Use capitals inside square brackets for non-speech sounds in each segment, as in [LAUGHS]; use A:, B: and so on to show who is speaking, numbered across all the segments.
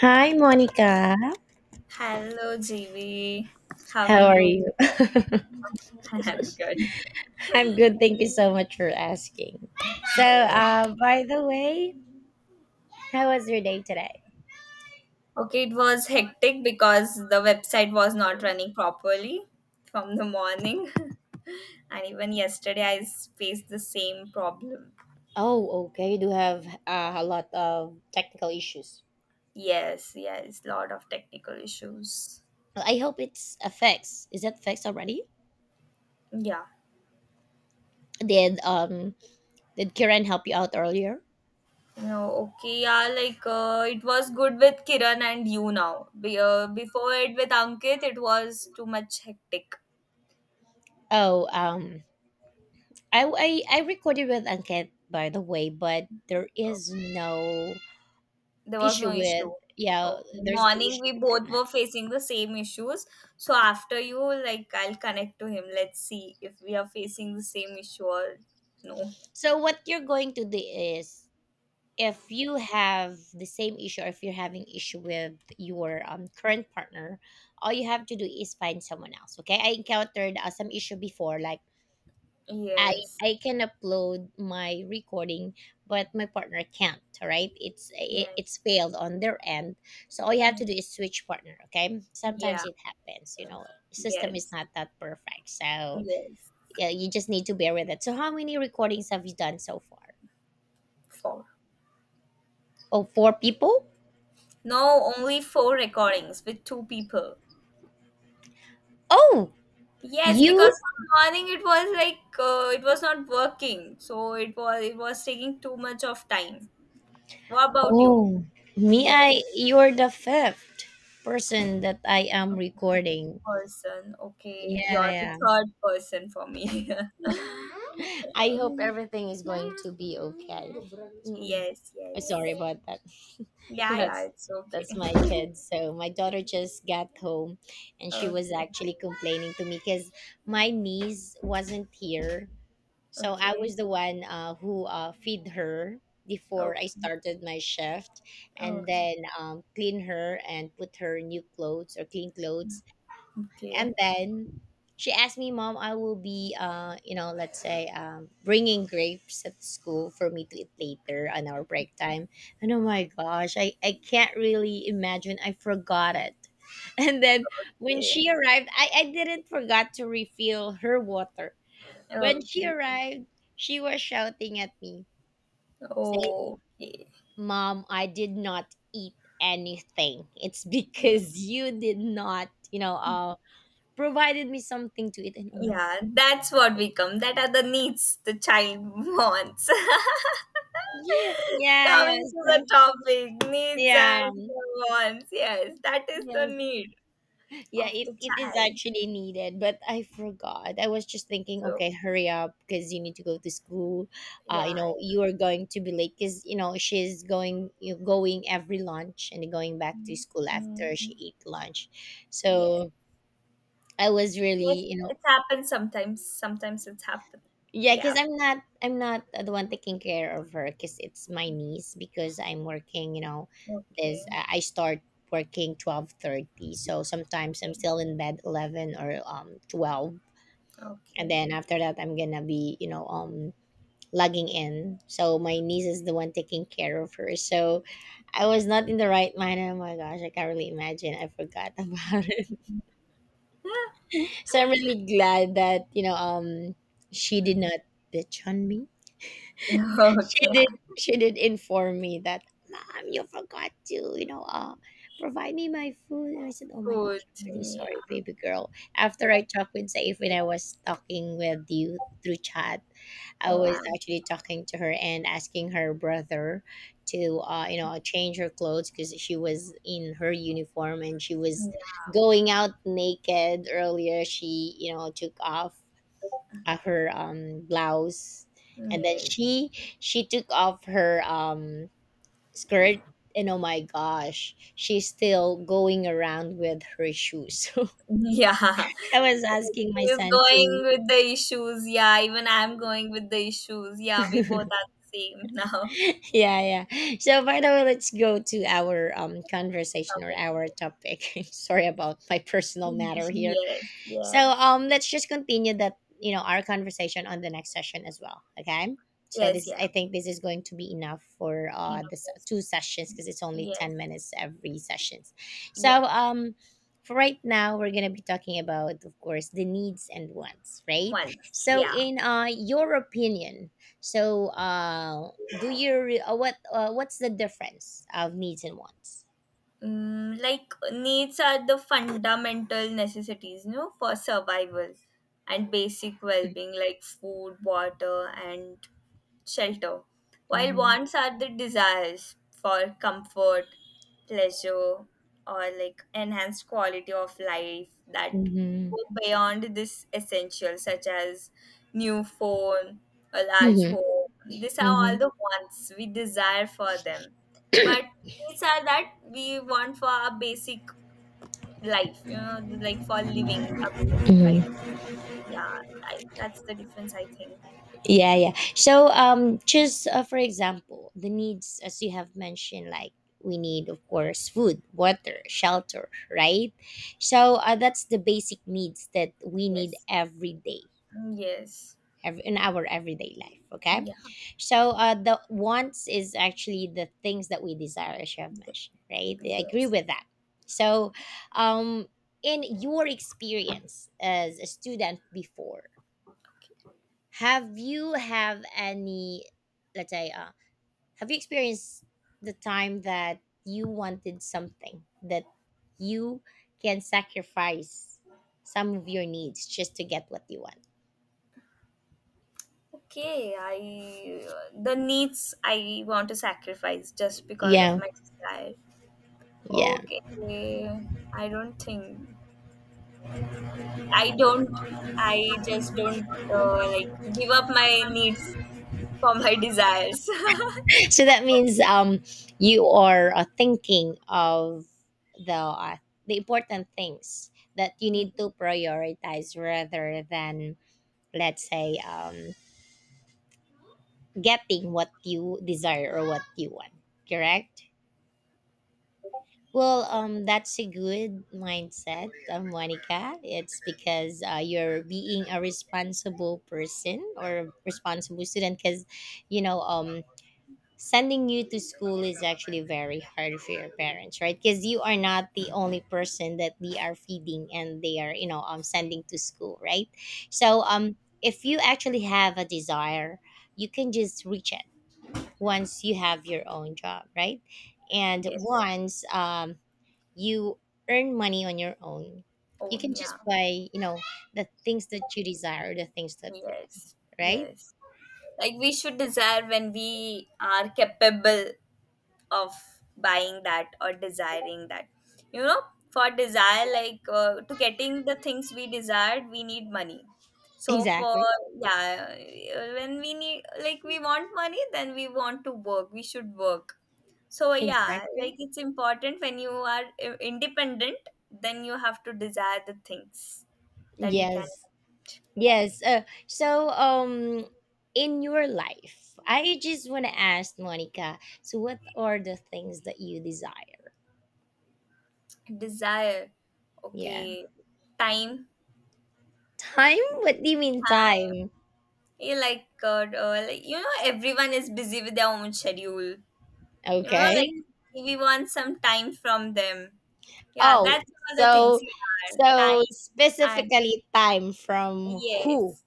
A: Hi, Monica.
B: Hello, GV. How are
A: How are
B: you?
A: you?
B: [LAUGHS] I'm good.
A: [LAUGHS] I'm good. Thank you so much for asking. So,
B: Yeah.
A: by the way, how was your day today?
B: Okay, it was hectic because the website was not running properly from the morning. [LAUGHS] And even yesterday, faced the same problem.
A: Oh, okay. You do have a lot of technical issues.
B: Yes, yes, lot of technical issues.
A: Well, I hope it's a fix. Is that fixed already?
B: Yeah.
A: Did um did Kiran help you out earlier?
B: No, okay, yeah, it was good with Kiran and you now. Before it with Ankit, it was too much hectic.
A: Oh, I recorded with Anket, by the way, but there is no
B: There was
A: issue
B: no
A: with,
B: issue.
A: yeah.
B: Okay.
A: There's no
B: Morning,
A: issue
B: we both
A: between
B: were
A: us.
B: facing the same issues. So after you, like, I'll connect to him. Let's see if we are facing the same issue or no.
A: So what you're going to do is, if you have the same issue or if you're having issue with your current partner, all you have to do is find someone else. Okay. I encountered some issue before, like I,
B: Yes.
A: I can upload my recording, but my partner can't. Right? It's
B: Yes.
A: failed on their end. So all you have to do
B: Mm.
A: is switch partner. Okay. Sometimes
B: Yeah.
A: it happens. System is
B: Yes.
A: not that perfect. So
B: Yes.
A: yeah, you just need to bear with it. So how many recordings have you done so far?
B: Four.
A: Oh, four people?
B: No, only four recordings with two people.
A: Oh,
B: Yes, because
A: you?
B: from morning it was it was not working, so it was taking too much of time. What about you?
A: Oh, me,
B: Yes.
A: you're the fifth person that I am
B: Okay,
A: recording.
B: person.
A: Yeah,
B: Okay, you're the
A: yeah.
B: third person for me. [LAUGHS]
A: [LAUGHS] I hope
B: Um,
A: everything is going to be okay. Mm-mm.
B: yes,
A: I'm sorry
B: yes.
A: about that. [LAUGHS]
B: Yeah, yeah,
A: That's
B: it's okay.
A: that's my kid. So my daughter just got home, and she was
B: Okay,
A: actually complaining to me because my niece wasn't here. So I
B: okay,
A: was the one who feed her before I
B: okay,
A: started my shift,
B: okay, okay,
A: and then
B: okay,
A: clean her and put her new clothes or clean clothes, and then she asked me, "Mom, I will be, let's say, bringing grapes at school for me to eat later on our break time." And oh my gosh, I can't really imagine. I forgot it, [LAUGHS] and then when she arrived, I didn't forgot to refill her water. When she
B: okay.
A: arrived, she was shouting at me, saying,
B: Okay.
A: "Mom, I did not eat anything. It's [LAUGHS] because you did not, provided me something to eat." And oh my God.
B: Yeah, that's what we come. That are the needs the child wants. [LAUGHS]
A: Yeah, yeah, yeah.
B: Coming to
A: So,
B: the topic, needs
A: yeah.
B: and wants. Yes, that is the
A: Yeah.
B: need
A: Yeah,
B: of
A: it,
B: the
A: it is
B: child.
A: actually needed, but I forgot. I was just thinking,
B: So,
A: okay, hurry up because you need to go to school.
B: yeah,
A: You are going to be late because you know she's going, you going every lunch and going back to
B: mm,
A: school after she eat lunch.
B: yeah,
A: So I was
B: yes,
A: really,
B: it happens sometimes. Sometimes it's happened.
A: yeah,
B: Yeah.
A: because I'm not the one taking care of her because it's my niece, because I'm working.
B: Okay.
A: This I start working 12:30, so sometimes I'm
B: Okay.
A: still in bed 11 or 12, and
B: Okay.
A: then after that I'm gonna be logging in, so my niece is the one taking care of her. So I was not in the right mind. Oh my gosh, I can't really imagine. I forgot [LAUGHS] about it. So I'm really glad that, you know, she did not bitch on me. [LAUGHS]
B: Yeah. [LAUGHS]
A: she
B: Okay.
A: did she did inform me that, "Mom, you forgot to, provide me my food," and I said, "Oh my
B: Food.
A: gosh, I'm really sorry,
B: Yeah.
A: baby girl." After I talked with Saif, when I was talking with you through chat, I was
B: Yeah.
A: actually talking to her and asking her brother to change her clothes, because she was in her uniform and she was
B: Yeah.
A: going out naked earlier. She, took off her blouse, and then
B: Yes.
A: she took off her skirt, and oh my gosh, she's still going around with her shoes. [LAUGHS] So
B: Yeah. [LAUGHS]
A: I was asking my
B: She's
A: son
B: going
A: to,
B: with the issues. Yeah. Even I'm going with the issues. Yeah. We both are the same now. [LAUGHS]
A: yeah, yeah. So by the way, let's go to our conversation or
B: Topic.
A: our topic. [LAUGHS] Sorry about my personal matter here.
B: Yes.
A: So
B: Yes.
A: let's just continue that our conversation on the next session as well. Okay. So
B: Yes.
A: this,
B: Yeah.
A: I think this is going to be enough for
B: You know, yes.
A: two sessions, because it's only
B: Yes.
A: 10 minutes every sessions. So
B: Yep.
A: um. For right now, we're gonna be talking about, of course, the needs and wants, right?
B: Once.
A: So,
B: Yeah.
A: in your opinion, so, what, what's the difference of needs and wants?
B: Like, needs are the fundamental necessities, you know, for survival and basic well-being like food, water, and shelter, while
A: Mm-hmm.
B: wants are the desires for comfort, pleasure, or like enhanced quality of life that
A: Mm-hmm.
B: go beyond this essential, such as new phone, a large
A: Mm-hmm.
B: home. These are
A: Mm-hmm.
B: all the wants we desire for them, but these are that we want for our basic life, you know, like for living a basic life.
A: Mm-hmm.
B: Yeah, that's the difference, I think.
A: Yeah, yeah. So, just for example, the needs, as you have mentioned, like we need, of course, food, water, shelter, right? So, that's the basic needs that we need
B: Yes.
A: every day,
B: Yes.
A: every, in our everyday life, okay?
B: Yeah.
A: So, the wants is actually the things that we desire, as you have mentioned, right? I agree
B: Yes.
A: with that. So, um, in your experience as a student before, have you have any let's say have you experienced the time that you wanted something that you can sacrifice some of your needs just to get what you want?
B: Okay, I The needs I want to sacrifice just because of
A: Yeah.
B: my style.
A: Yeah.
B: Okay,
A: [LAUGHS]
B: I don't think I don't. I just don't like give up my needs for my [LAUGHS] desires.
A: So that means, you are, thinking of the uh, the important things that you
B: [LAUGHS]
A: need
B: Ye-
A: to prioritize rather than, let's say, getting what you desire or what you want, correct? Well, that's a good mindset, Monica. It's because, you're being a responsible person or responsible student. Because, you know, um, sending you to school is actually very hard for your parents, right? Because you are not the only person that they are feeding and they are, sending to school, right? So, if you actually have a desire, you can just reach it once you have your own job, right? And
B: yes.
A: once, you earn money on your own, you
B: Oh,
A: can just
B: yeah.
A: buy, the things that you desire, the things that you want,
B: Yes.
A: right?
B: Yes. Like, we should desire when we are capable of buying that or desiring that, you know. For desire, to getting the things we desired, we need money.
A: [LAUGHS]
B: So for,
A: Exactly.
B: yeah, when we need, like, we want money, then we want to work, we should work. So yeah,
A: Exactly.
B: like, it's important when you are independent, then you have to desire the things that you can
A: Yes, yes, so, in your life, I just want to ask, Monica, so what are the things that you desire?
B: desire.
A: Yeah.
B: Okay. Time.
A: Time? What do you mean, time?
B: Yeah, like, like, you know, everyone is busy with their own schedule. You know, like,
A: Okay.
B: we want some time from them. Yeah,
A: Oh,
B: that's all the things.
A: so,
B: Yeah, time and
A: specifically time from who?
B: yes.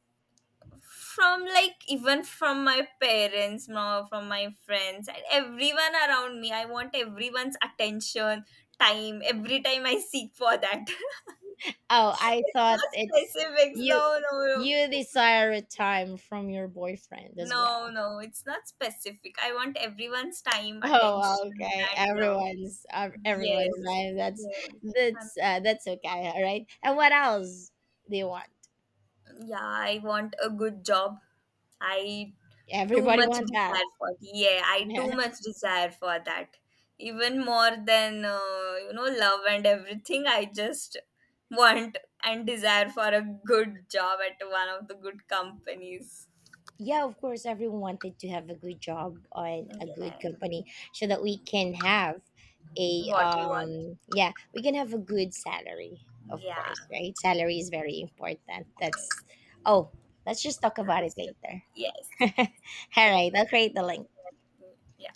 B: From, like, even from my parents, no, from my friends and everyone around me. I want everyone's attention, time, every time I seek for that.
A: Oh,
B: [LAUGHS]
A: I
B: It's
A: thought
B: not
A: it's
B: specifics.
A: you
B: No, no, no.
A: you desire a time from your boyfriend as
B: No,
A: well?
B: no, it's not specific. I want everyone's time,
A: Oh,
B: attention,
A: okay.
B: and love.
A: Everyone's, everyone's,
B: Yes,
A: right. That's
B: yes.
A: that's uh, that's okay. All right. And what else do you want?
B: Yeah, I want a good job. I too
A: Everybody
B: much
A: want that.
B: desire for yeah, I too
A: [LAUGHS]
B: much desire for that. Even more than you know, love and everything, I just want and desire for a good job at one of the good companies.
A: Yeah, of course, everyone wanted to have a good job on a good
B: Yeah,
A: company, so that we can have a
B: what we want.
A: yeah, we can have a good salary, of
B: Yeah.
A: course, right? Salary is very important. That's
B: Yes.
A: Oh, let's just talk about it later.
B: Yes.
A: [LAUGHS]
B: Yes.
A: All right, I'll create the link.
B: Yeah.